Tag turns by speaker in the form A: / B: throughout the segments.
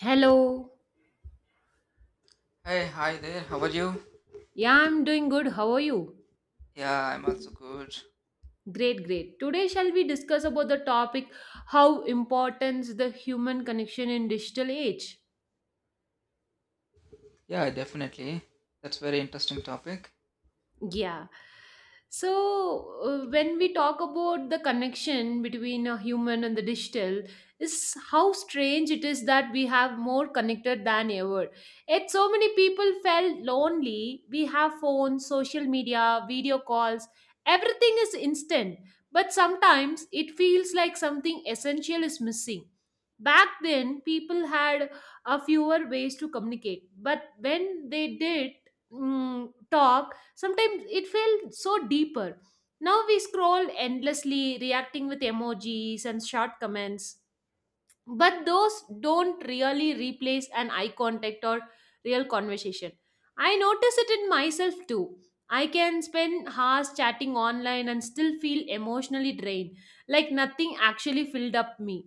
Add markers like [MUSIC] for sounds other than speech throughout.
A: Hello.
B: Hey, hi there. How are you?
A: Yeah, I'm doing good. How are you?
B: Yeah, I'm also good.
A: Great, great. Today shall we discuss about the topic how importance the human connection in digital age.
B: Yeah, definitely. That's very interesting topic.
A: Yeah. So, when we talk about the connection between a human and the digital, is how strange it is that we have more connected than ever. Yet, so many people felt lonely. We have phones, social media, video calls, everything is instant. But sometimes it feels like something essential is missing. Back then, people had a fewer ways to communicate, but when they did talk, sometimes it felt so deeper. Now we scroll endlessly, reacting with emojis and short comments, but those don't really replace an eye contact or real conversation. I notice it in myself too. I can spend hours chatting online and still feel emotionally drained, like nothing actually filled up me.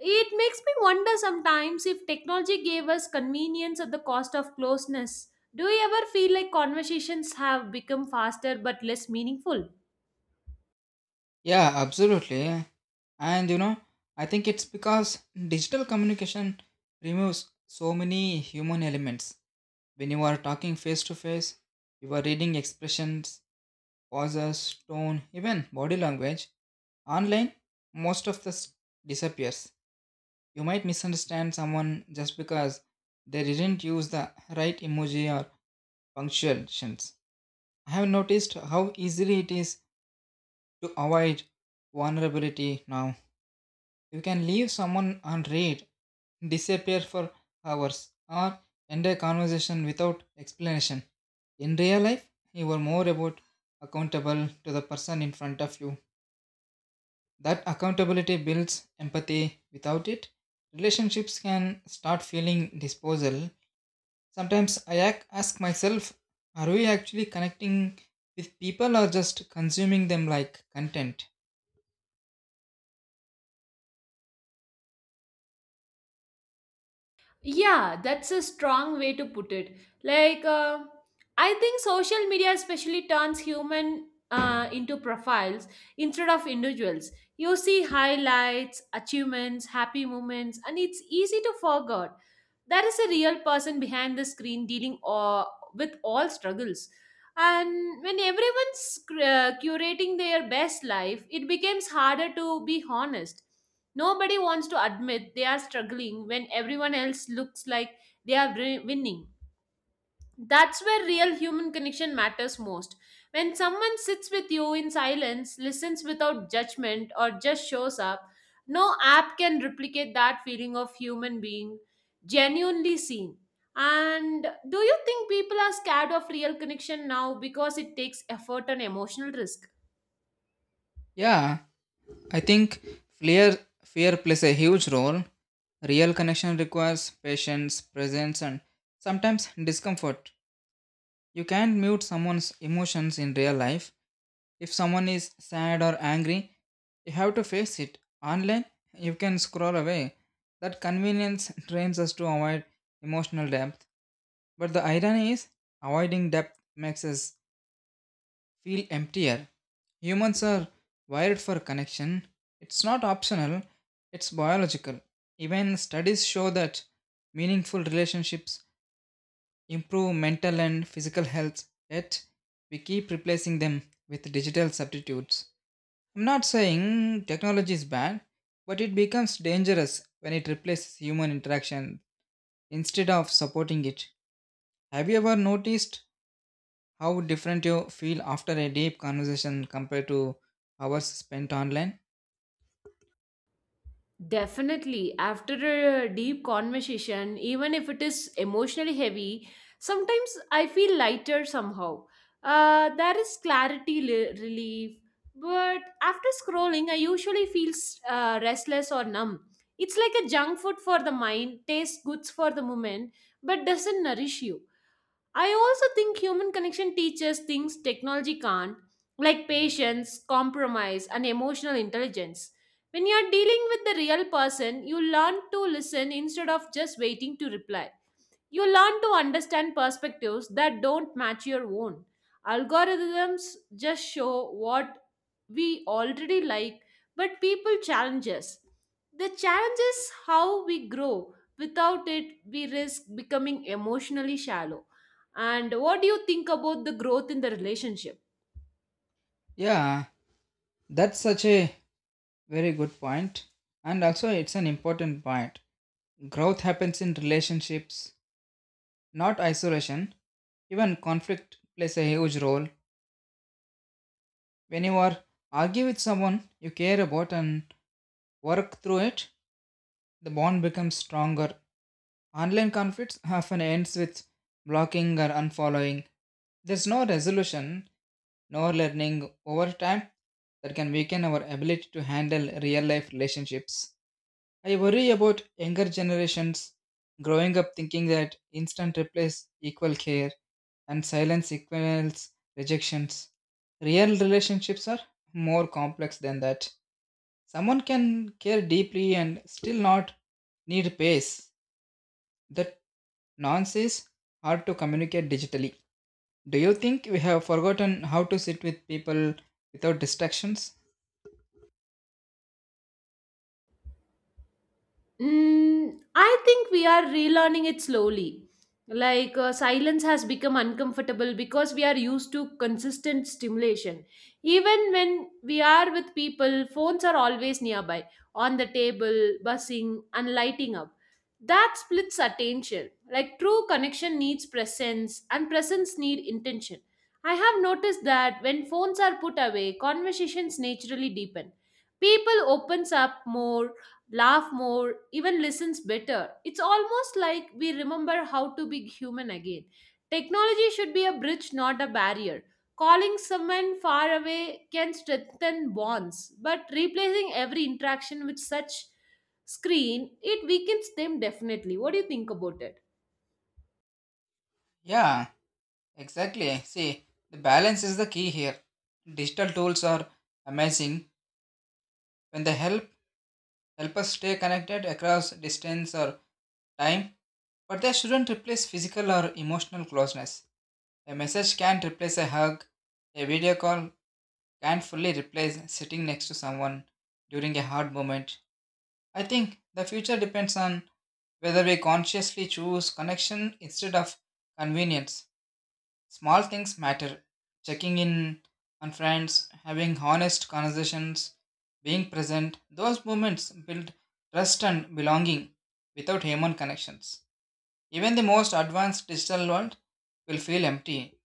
A: It makes me wonder sometimes if technology gave us convenience at the cost of closeness. Do you ever feel like conversations have become faster but less meaningful?
B: Yeah, absolutely. And you know, I think it's because digital communication removes so many human elements. When you are talking face to face, you are reading expressions, pauses, tone, even body language. Online, most of this disappears. You might misunderstand someone just because they didn't use the right emoji or punctuations. I have noticed how easily it is to avoid vulnerability now. You can leave someone unread, disappear for hours, or end a conversation without explanation. In real life, you are more about accountable to the person in front of you. That accountability builds empathy. Without it, relationships can start feeling disposal. Sometimes I ask myself, are we actually connecting with people or just consuming them like content?
A: Yeah, that's a strong way to put it. Like, I think social media especially turns human into profiles instead of individuals. You see highlights, achievements, happy moments, and it's easy to forget there is a real person behind the screen dealing with all struggles. And when everyone's curating their best life, it becomes harder to be honest. Nobody wants to admit they are struggling when everyone else looks like they are winning. That's where real human connection matters most. When someone sits with you in silence, listens without judgment, or just shows up, no app can replicate that feeling of human being genuinely seen. And do you think people are scared of real connection now because it takes effort and emotional risk?
B: Yeah, I think fear, fear plays a huge role. Real connection requires patience, presence, and sometimes discomfort. You can't mute someone's emotions in real life. If someone is sad or angry, you have to face it. Online, you can scroll away. That convenience [LAUGHS] trains us to avoid emotional depth. But the irony is, avoiding depth makes us feel emptier. Humans are wired for connection. It's not optional, it's biological. Even studies show that meaningful relationships improve mental and physical health, yet we keep replacing them with digital substitutes. I'm not saying technology is bad, but it becomes dangerous when it replaces human interaction instead of supporting it. Have you ever noticed how different you feel after a deep conversation compared to hours spent online?
A: Definitely. After a deep conversation, even if it is emotionally heavy, sometimes I feel lighter somehow. There is clarity, relief, but after scrolling, I usually feel restless or numb. It's like a junk food for the mind, tastes good for the moment, but doesn't nourish you. I also think human connection teaches things technology can't, like patience, compromise, and emotional intelligence. When you are dealing with the real person, you learn to listen instead of just waiting to reply. You learn to understand perspectives that don't match your own. Algorithms just show what we already like, but people challenge us. The challenge is how we grow. Without it, we risk becoming emotionally shallow. And what do you think about the growth in the relationship?
B: Yeah, that's such a very good point. And also, it's an important point. Growth happens in relationships, not isolation. Even conflict plays a huge role. When you are argue with someone you care about and work through it, the bond becomes stronger. Online conflicts often ends with blocking or unfollowing. There's no resolution, no learning over time that can weaken our ability to handle real life relationships. I worry about younger generations growing up thinking that instant replies equal care and silence equals rejections. Real relationships are more complex than that. Someone can care deeply and still not need pace that nonce is hard to communicate digitally. Do you think we have forgotten how to sit with people without distractions?
A: Mm, I think we are relearning it slowly. Like silence has become uncomfortable because we are used to consistent stimulation. Even when we are with people, phones are always nearby, on the table, buzzing, and lighting up. That splits attention. Like true connection needs presence, and presence need intention. I have noticed that when phones are put away, conversations naturally deepen. People opens up more, laugh more, even listens better. It's almost like we remember how to be human again. Technology should be a bridge, not a barrier. Calling someone far away can strengthen bonds, but replacing every interaction with such screen, it weakens them definitely. What do you think about it?
B: Yeah, exactly. See, the balance is the key here. Digital tools are amazing when they help us stay connected across distance or time, but they shouldn't replace physical or emotional closeness. A message can't replace a hug. A video call can't fully replace sitting next to someone during a hard moment. I think the future depends on whether we consciously choose connection instead of convenience. Small things matter. Checking in on friends, having honest conversations, being present, those moments build trust and belonging without human connections. Even the most advanced digital world will feel empty.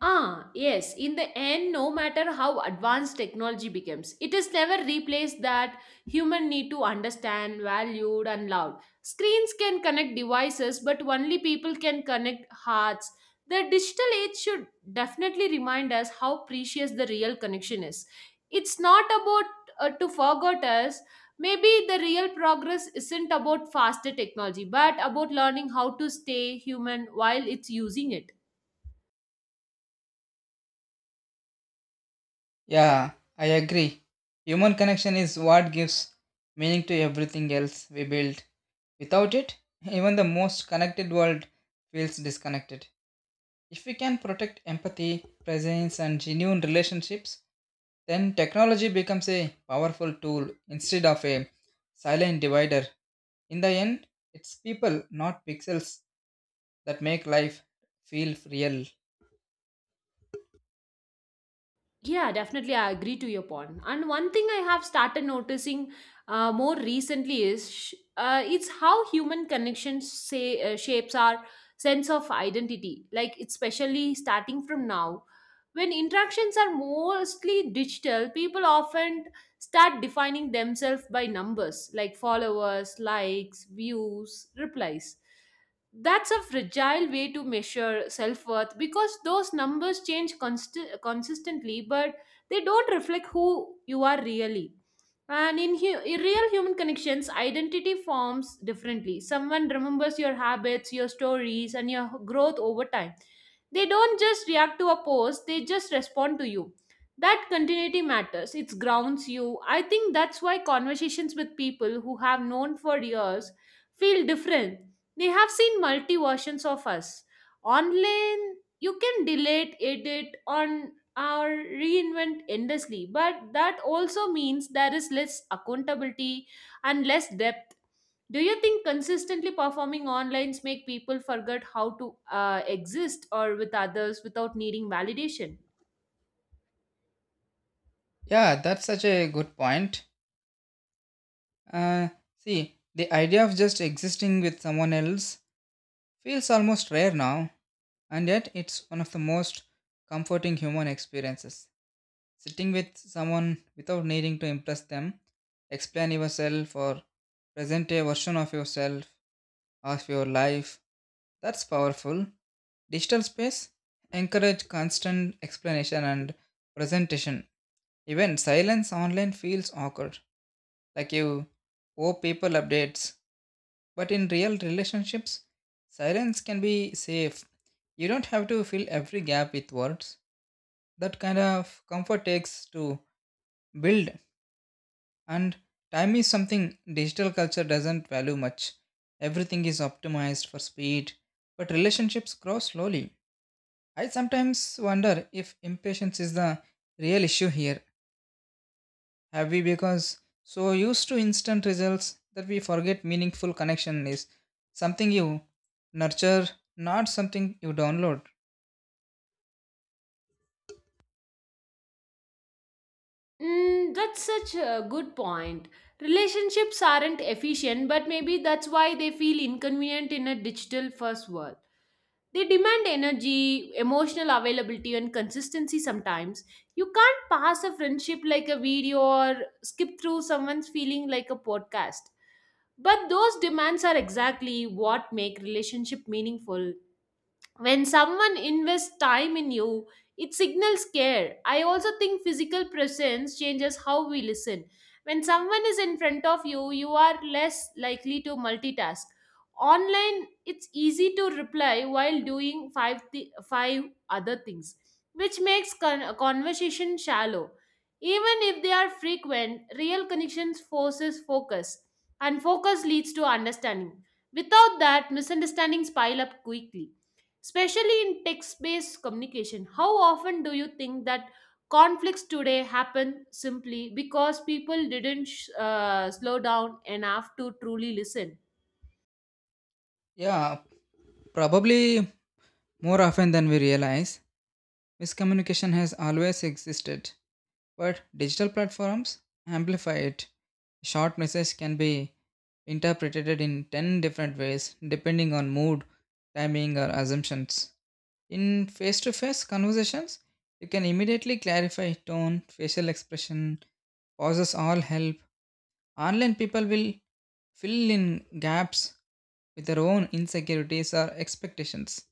A: Ah, yes. In the end, no matter how advanced technology becomes, it is never replaced that human need to understand, valued, and loved. Screens can connect devices, but only people can connect hearts. The digital age should definitely remind us how precious the real connection is. It's not about to forget us. Maybe the real progress isn't about faster technology, but about learning how to stay human while it's using it.
B: Yeah, I agree. Human connection is what gives meaning to everything else we build. Without it, [LAUGHS] even the most connected world feels disconnected. If we can protect empathy, presence, and genuine relationships, then technology becomes a powerful tool instead of a silent divider. In the end, it's people, not pixels, that make life feel real.
A: Yeah, definitely. I agree to your point. And one thing I have started noticing more recently is it's how human connections say shapes our sense of identity. Like especially starting from now, when interactions are mostly digital, people often start defining themselves by numbers like followers, likes, views, replies. That's a fragile way to measure self worth because those numbers change consistently, but they don't reflect who you are really. And in real human connections, identity forms differently. Someone remembers your habits, your stories, and your growth over time. They don't just react to a post, they just respond to you. That continuity matters, it grounds you. I think that's why conversations with people who have known for years feel different. They have seen multi versions of us. Online, you can delete, edit, on, or reinvent endlessly, but that also means there is less accountability and less depth. Do you think consistently performing onlines make people forget how to exist or with others without needing validation?
B: Yeah, that's such a good point. Uh, see, the idea of just existing with someone else feels almost rare now, and yet it's one of the most comforting human experiences. Sitting with someone without needing to impress them, explain yourself, or present a version of yourself, of your life, that's powerful. Digital space encourage constant explanation and presentation. Even silence online feels awkward. Like you owe people updates. But in real relationships, silence can be safe. You don't have to fill every gap with words. That kind of comfort takes to build, and time is something digital culture doesn't value much. Everything is optimized for speed, but relationships grow slowly. I sometimes wonder if impatience is the real issue here. Have we become so used to instant results that we forget meaningful connection is something you nurture, not something you download?
A: Mm, that's such a good point. Relationships aren't efficient, but maybe that's why they feel inconvenient in a digital first world. They demand energy, emotional availability, and consistency sometimes. You can't pass a friendship like a video or skip through someone's feeling like a podcast. But those demands are exactly what make relationship meaningful. When someone invests time in you, it signals care. I also think physical presence changes how we listen. When someone is in front of you, you are less likely to multitask. Online, it's easy to reply while doing five other things, which makes conversation shallow, even if they are frequent. Real connections forces focus, and focus leads to understanding. Without that, misunderstandings pile up quickly, especially in text based communication. How often do you think that conflicts today happen simply because people didn't slow down enough to truly listen?
B: Yeah, probably more often than we realize. Miscommunication has always existed, but digital platforms amplify it. A short message can be interpreted in 10 different ways depending on mood, timing, or assumptions. In face to face conversations, you can immediately clarify tone, facial expression, pauses all help. Online people will fill in gaps with their own insecurities or expectations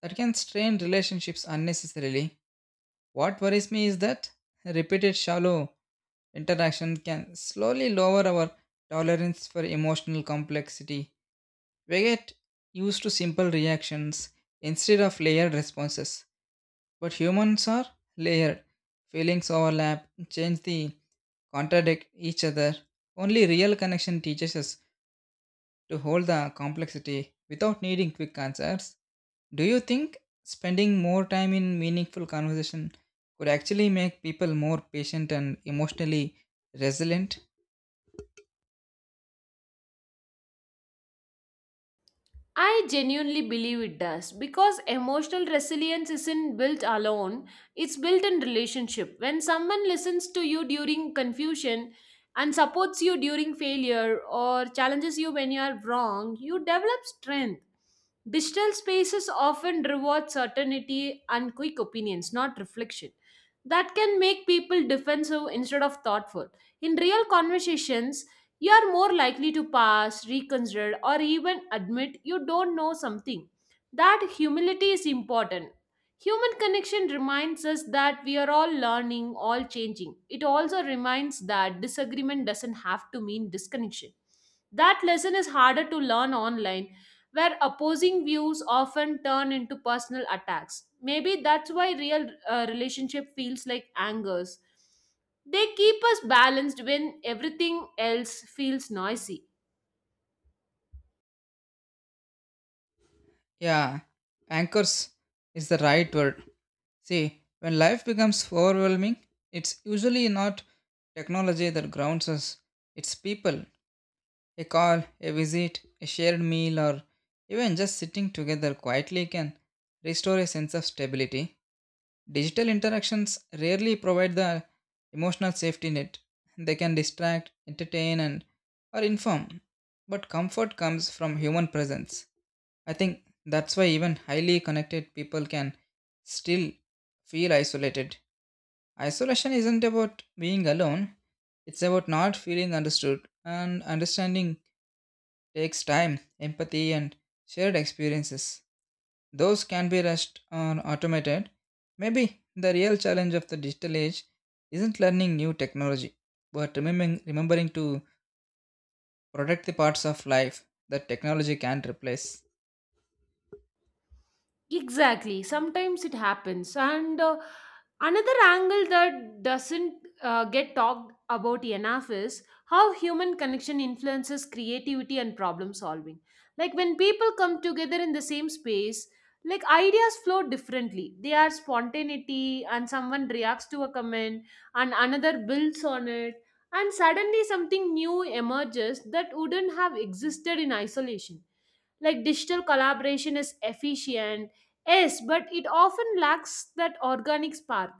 B: that can strain relationships unnecessarily. What worries me is that repeated shallow interaction can slowly lower our tolerance for emotional complexity. We get used to simple reactions instead of layered responses. But humans are layered. Feelings overlap, change the contradict each other. Only real connection teaches us to hold the complexity without needing quick answers. Do you think spending more time in meaningful conversation could actually make people more patient and emotionally resilient?
A: I genuinely believe it does because emotional resilience isn't built alone, it's built in relationship. When someone listens to you during confusion and supports you during failure or challenges you when you are wrong, you develop strength. Digital spaces often reward certainty and quick opinions, not reflection. That can make people defensive instead of thoughtful. In real conversations, you are more likely to pass, reconsider, or even admit you don't know something. That humility is important. Human connection reminds us that we are all learning, all changing. It also reminds that disagreement doesn't have to mean disconnection. That lesson is harder to learn online, where opposing views often turn into personal attacks. Maybe that's why real relationship feels like angers. They keep us balanced when everything else feels noisy.
B: Yeah, anchors is the right word. See, when life becomes overwhelming, it's usually not technology that grounds us, it's people. A call, a visit, a shared meal, or even just sitting together quietly can restore a sense of stability. Digital interactions rarely provide the emotional safety net. They can distract, entertain, and or inform, but comfort comes from human presence. I think that's why even highly connected people can still feel isolated. Isolation isn't about being alone, it's about not feeling understood and understanding takes time, empathy, and shared experiences. Those can be rushed or automated. Maybe the real challenge of the digital age isn't learning new technology, but remembering to protect the parts of life that technology can't replace.
A: Exactly. Sometimes it happens. And another angle that doesn't get talked about enough is how human connection influences creativity and problem solving. Like when people come together in the same space, like ideas flow differently. They are spontaneity, and someone reacts to a comment, and another builds on it, and suddenly something new emerges that wouldn't have existed in isolation. Like digital collaboration is efficient, yes, but it often lacks that organic spark.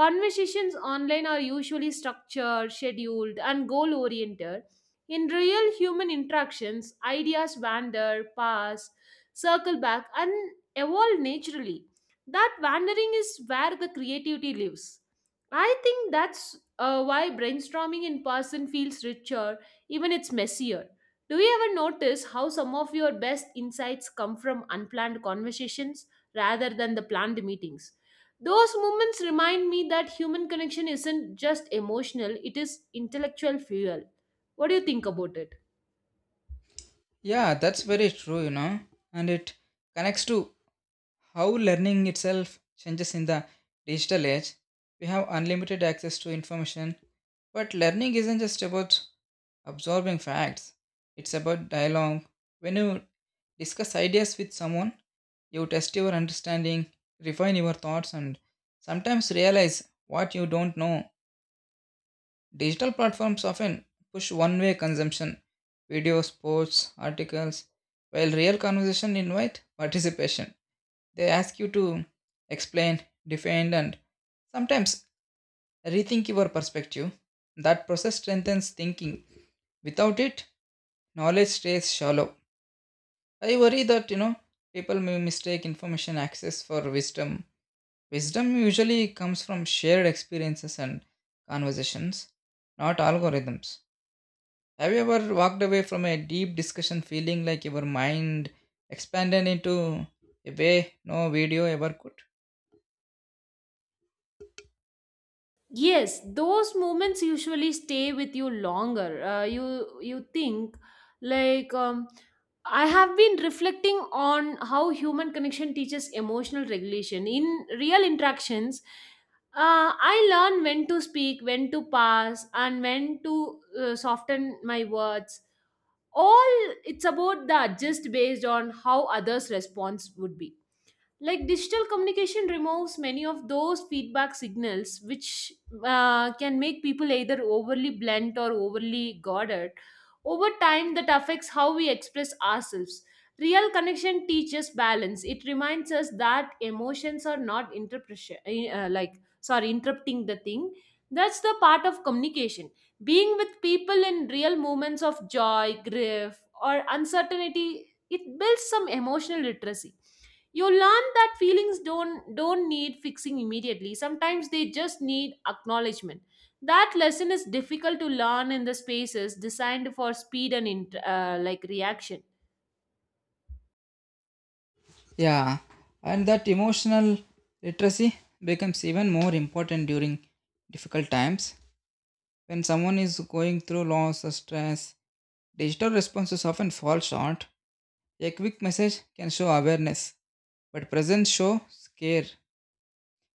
A: Conversations online are usually structured, scheduled, and goal oriented. In real human interactions, ideas wander, pass, circle back, and evolve naturally. That wandering is where the creativity lives. I think that's why brainstorming in person feels richer, even it's messier. Do you ever notice how some of your best insights come from unplanned conversations rather than the planned meetings? Those moments remind me that human connection isn't just emotional, it is intellectual fuel. What do you think about it?
B: Yeah, that's very true, you know, and it connects to how learning itself changes in the digital age. We have unlimited access to information, but learning isn't just about absorbing facts, it's about dialogue. When you discuss ideas with someone, you test your understanding, refine your thoughts, and sometimes realize what you don't know. Digital platforms often push one way consumption videos, posts, articles, while real conversation invite participation. They ask you to explain, defend, and sometimes rethink your perspective. That process strengthens thinking. Without it, knowledge stays shallow. I worry that you know people may mistake information access for wisdom. Wisdom usually comes from shared experiences and conversations, not algorithms. Have you ever walked away from a deep discussion feeling like your mind expanded into a way no video ever could?
A: Yes, those moments usually stay with you longer. You think like I have been reflecting on how human connection teaches emotional regulation in real interactions. I learn when to speak, when to pass, and when to soften my words. All it's about the adjust based on how others' response would be. Like digital communication removes many of those feedback signals, which can make people either overly blunt or overly guarded over time. That affects how we express ourselves. Real connection teaches balance. It reminds us that emotions are not interpretation. Like sorry interrupting the thing, that's the part of communication. Being with people in real moments of joy, grief, or uncertainty, it builds some emotional literacy. You learn that feelings don't need fixing immediately, sometimes they just need acknowledgement. That lesson is difficult to learn in the spaces designed for speed and like reaction.
B: Yeah, and that emotional literacy becomes even more important during difficult times. When someone is going through loss or stress, digital responses often fall short. A quick message can show awareness, but presence shows care.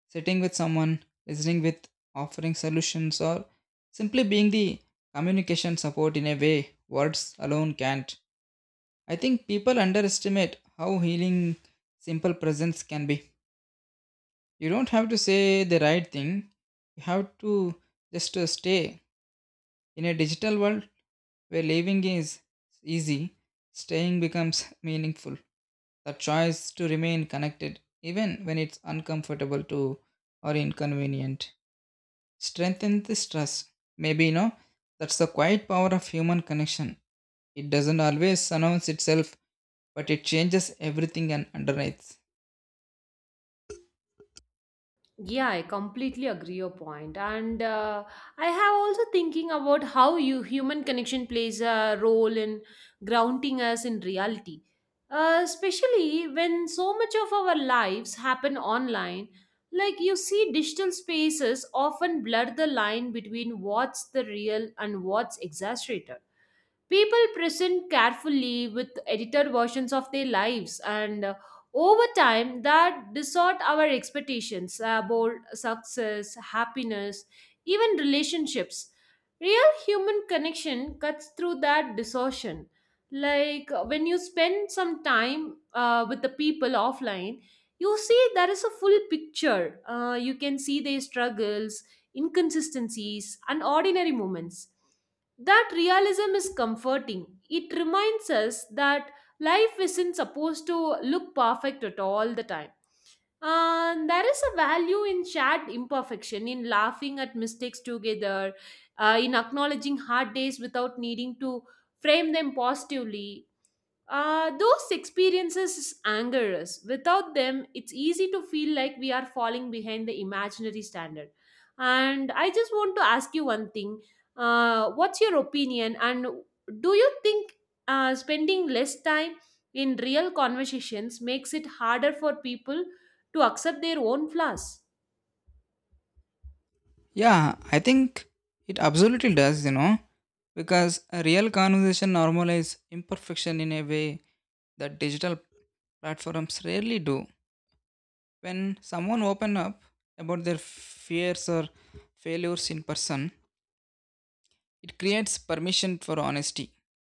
B: Sitting with someone, listening with offering solutions, or simply being the communication support in a way words alone can't. I think people underestimate how healing simple presence can be. You don't have to say the right thing. You have to just stay. In a digital world where living is easy, staying becomes meaningful. The choice to remain connected, even when it's uncomfortable to or inconvenient, strengthens this trust. Maybe you know that's the quiet power of human connection. It doesn't always announce itself, but it changes everything and underneath.
A: Yeah, I completely agree your point. And I have also thinking about how you human connection plays a role in grounding us in reality. Especially when so much of our lives happen online, like you see digital spaces often blur the line between what's the real and what's exaggerated. People present carefully with edited versions of their lives, and over time, that distort our expectations about success, happiness, even relationships. Real human connection cuts through that distortion. Like when you spend some time with the people offline, you see there is a full picture. You can see their struggles, inconsistencies, and ordinary moments. That realism is comforting. It reminds us that life isn't supposed to look perfect at all the time. And there is a value in shared imperfection, in laughing at mistakes together, in acknowledging hard days without needing to frame them positively. Those experiences anger us. Without them, it's easy to feel like we are falling behind the imaginary standard. And I just want to ask you one thing. What's your opinion? And do you think spending less time in real conversations makes it harder for people to accept their own flaws?
B: Yeah, I think it absolutely does, you know, because a real conversation normalizes imperfection in a way that digital platforms rarely do. When someone opens up about their fears or failures in person, it creates permission for honesty.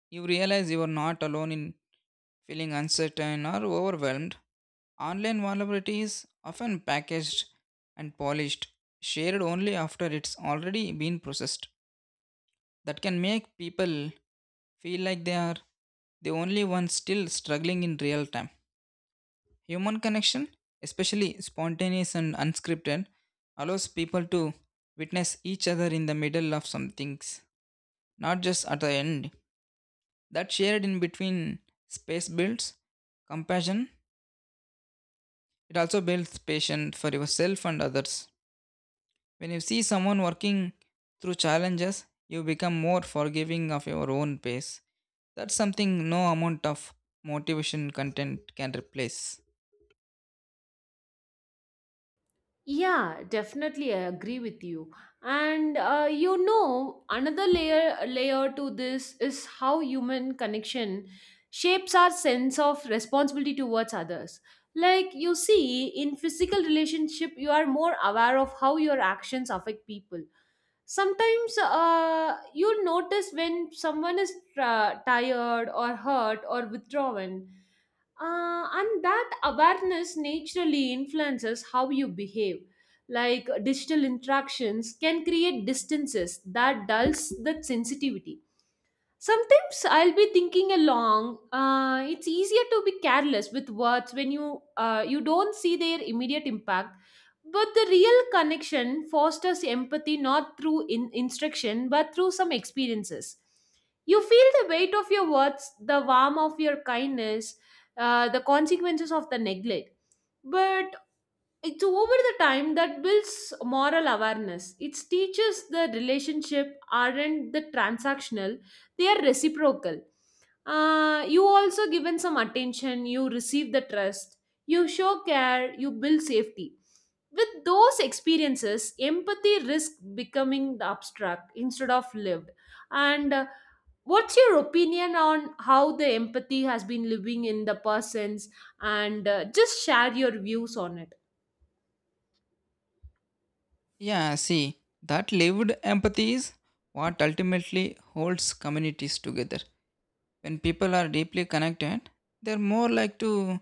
B: You realize you are not alone in feeling uncertain or overwhelmed. Online vulnerability is often packaged and polished, shared only after it's already been processed that can make people feel like they are the only ones still struggling in real time. Human connection, especially spontaneous and unscripted, allows people to witness each other in the middle of some things, not just at the end. That shared in between space builds compassion, it also builds patience for yourself and others. When you see someone working through challenges, you become more forgiving of your own pace. That's something no amount of motivation content can replace.
A: Yeah, definitely, I agree with you. And another layer to this is how human connection shapes our sense of responsibility towards others. Like you see, in physical relationship, you are more aware of how your actions affect people. Sometimes you'll notice when someone is tired or hurt or withdrawn and that awareness naturally influences how you behave like digital interactions can create distances that dulls the sensitivity. Sometimes I'll be thinking along. It's easier to be careless with words when you you don't see their immediate impact. But the real connection fosters empathy not through instruction but through some experiences. You feel the weight of your words, the warmth of your kindness, the consequences of the neglect. But it's over the time that builds moral awareness. It teaches the relationship aren't the transactional, they are reciprocal. You also given some attention, you receive the trust, you show care, you build safety. With those experiences, empathy risk becoming the abstract instead of lived. And what's your opinion on how the empathy has been living in the persons? And just share your views on it.
B: Yeah, see, that lived empathy is what ultimately holds communities together. When people are deeply connected, they're more like to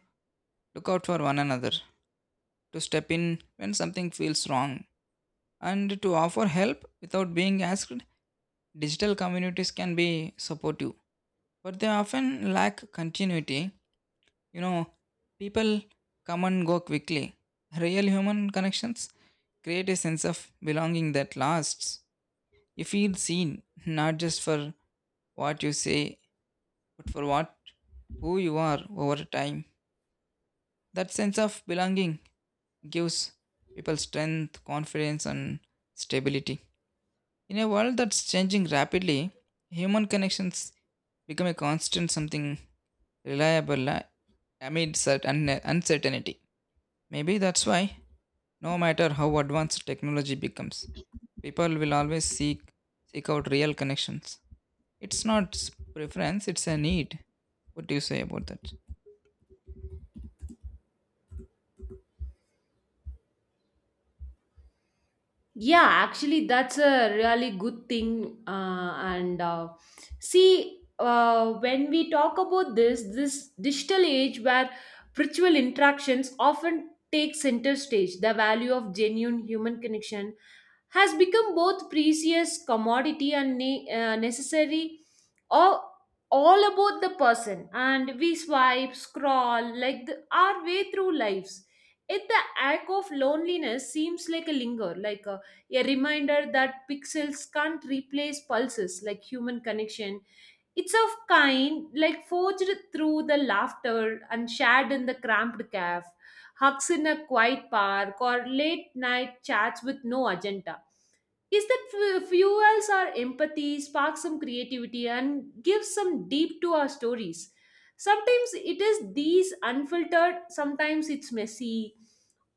B: look out for one another, to step in when something feels wrong, and to offer help without being asked. Digital communities can be supportive, but they often lack continuity. You know, people come and go quickly. Real human connections create a sense of belonging that lasts. You feel seen, not just for what you say, but for what who you are over time. That sense of belonging gives people strength, confidence, and stability. In a world that's changing rapidly, human connections become a constant something reliable amid certain uncertainty. Maybe that's why, no matter how advanced technology becomes, people will always seek out real connections. It's not s- preference; it's a need. What do you say about that?
A: Yeah, actually, that's a really good thing. And uh, when we talk about this digital age where virtual interactions often take center stage, the value of genuine human connection has become both precious commodity and necessary or all about the person, and we swipe scroll like our way through lives if the act of loneliness seems like a linger a reminder that pixels can't replace pulses like human connection. It's of kind, like forged through the laughter and shared in the cramped cave, hugs in a quiet park, or late night chats with no agenda. Is that fuels our empathy, sparks some creativity, and gives some deep to our stories. Sometimes it is these unfiltered, sometimes it's messy,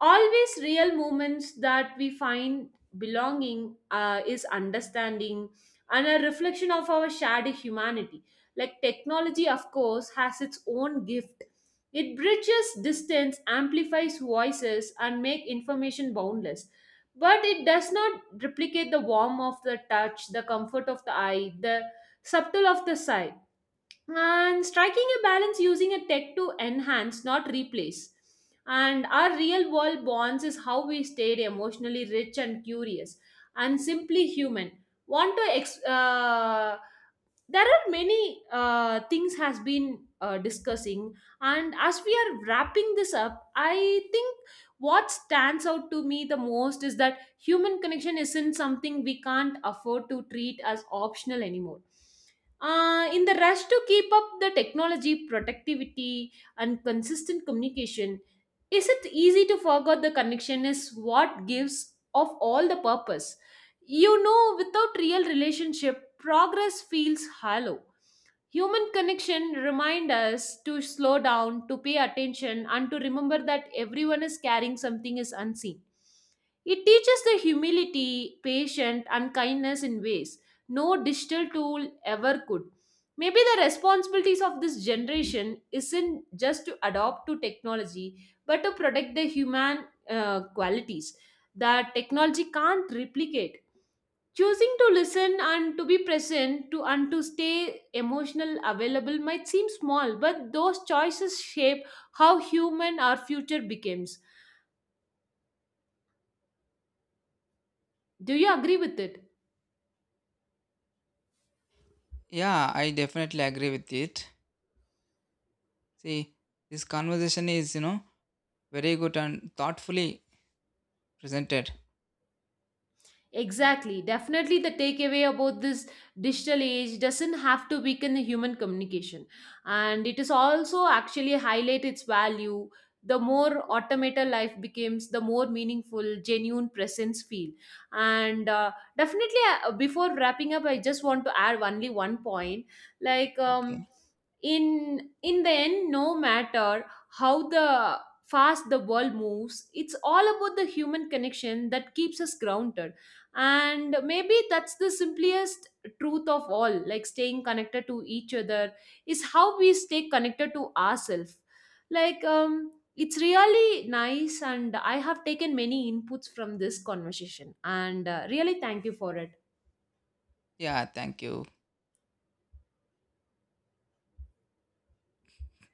A: always real moments that we find belonging, is understanding and a reflection of our shared humanity. Like technology, of course, has its own gift. It bridges distance, amplifies voices, and make information boundless. But it does not replicate the warmth of the touch, the comfort of the eye, the subtle of the sight, and striking a balance using a tech to enhance not replace and our real world bonds is how we stayed emotionally rich and curious and simply human. Want to ex- uh, there are many things has been discussing, and as we are wrapping this up, I think what stands out to me the most is that human connection isn't something we can't afford to treat as optional anymore. In the rush to keep up the technology, productivity, and consistent communication, is it easy to forget the connection is what gives of all the purpose? You know, without real relationship, progress feels hollow. Human connection remind us to slow down, to pay attention, and to remember that everyone is carrying something is unseen. It teaches the humility, patience, and kindness in ways no digital tool ever could. Maybe the responsibilities of this generation isn't just to adopt to technology, but to protect the human qualities that technology can't replicate. Choosing to listen and to be present to and to stay emotional available might seem small, but those choices shape how human our future becomes. Do you agree with it?
B: Yeah, I definitely agree with it. See, this conversation is you know very good and thoughtfully presented.
A: Exactly. Definitely, the takeaway about this digital age doesn't have to weaken the human communication, and it is also actually highlight its value. The more automated life becomes, the more meaningful, genuine presence feel. And definitely, before wrapping up, I just want to add only one point. Like, um,
B: Okay.
A: in the end, no matter how the fast the world moves, it's all about the human connection that keeps us grounded, and maybe that's the simplest truth of all. Like, staying connected to each other is how we stay connected to ourselves. It's really nice, and I have taken many inputs from this conversation, and really thank you for it.
B: Yeah. Thank you.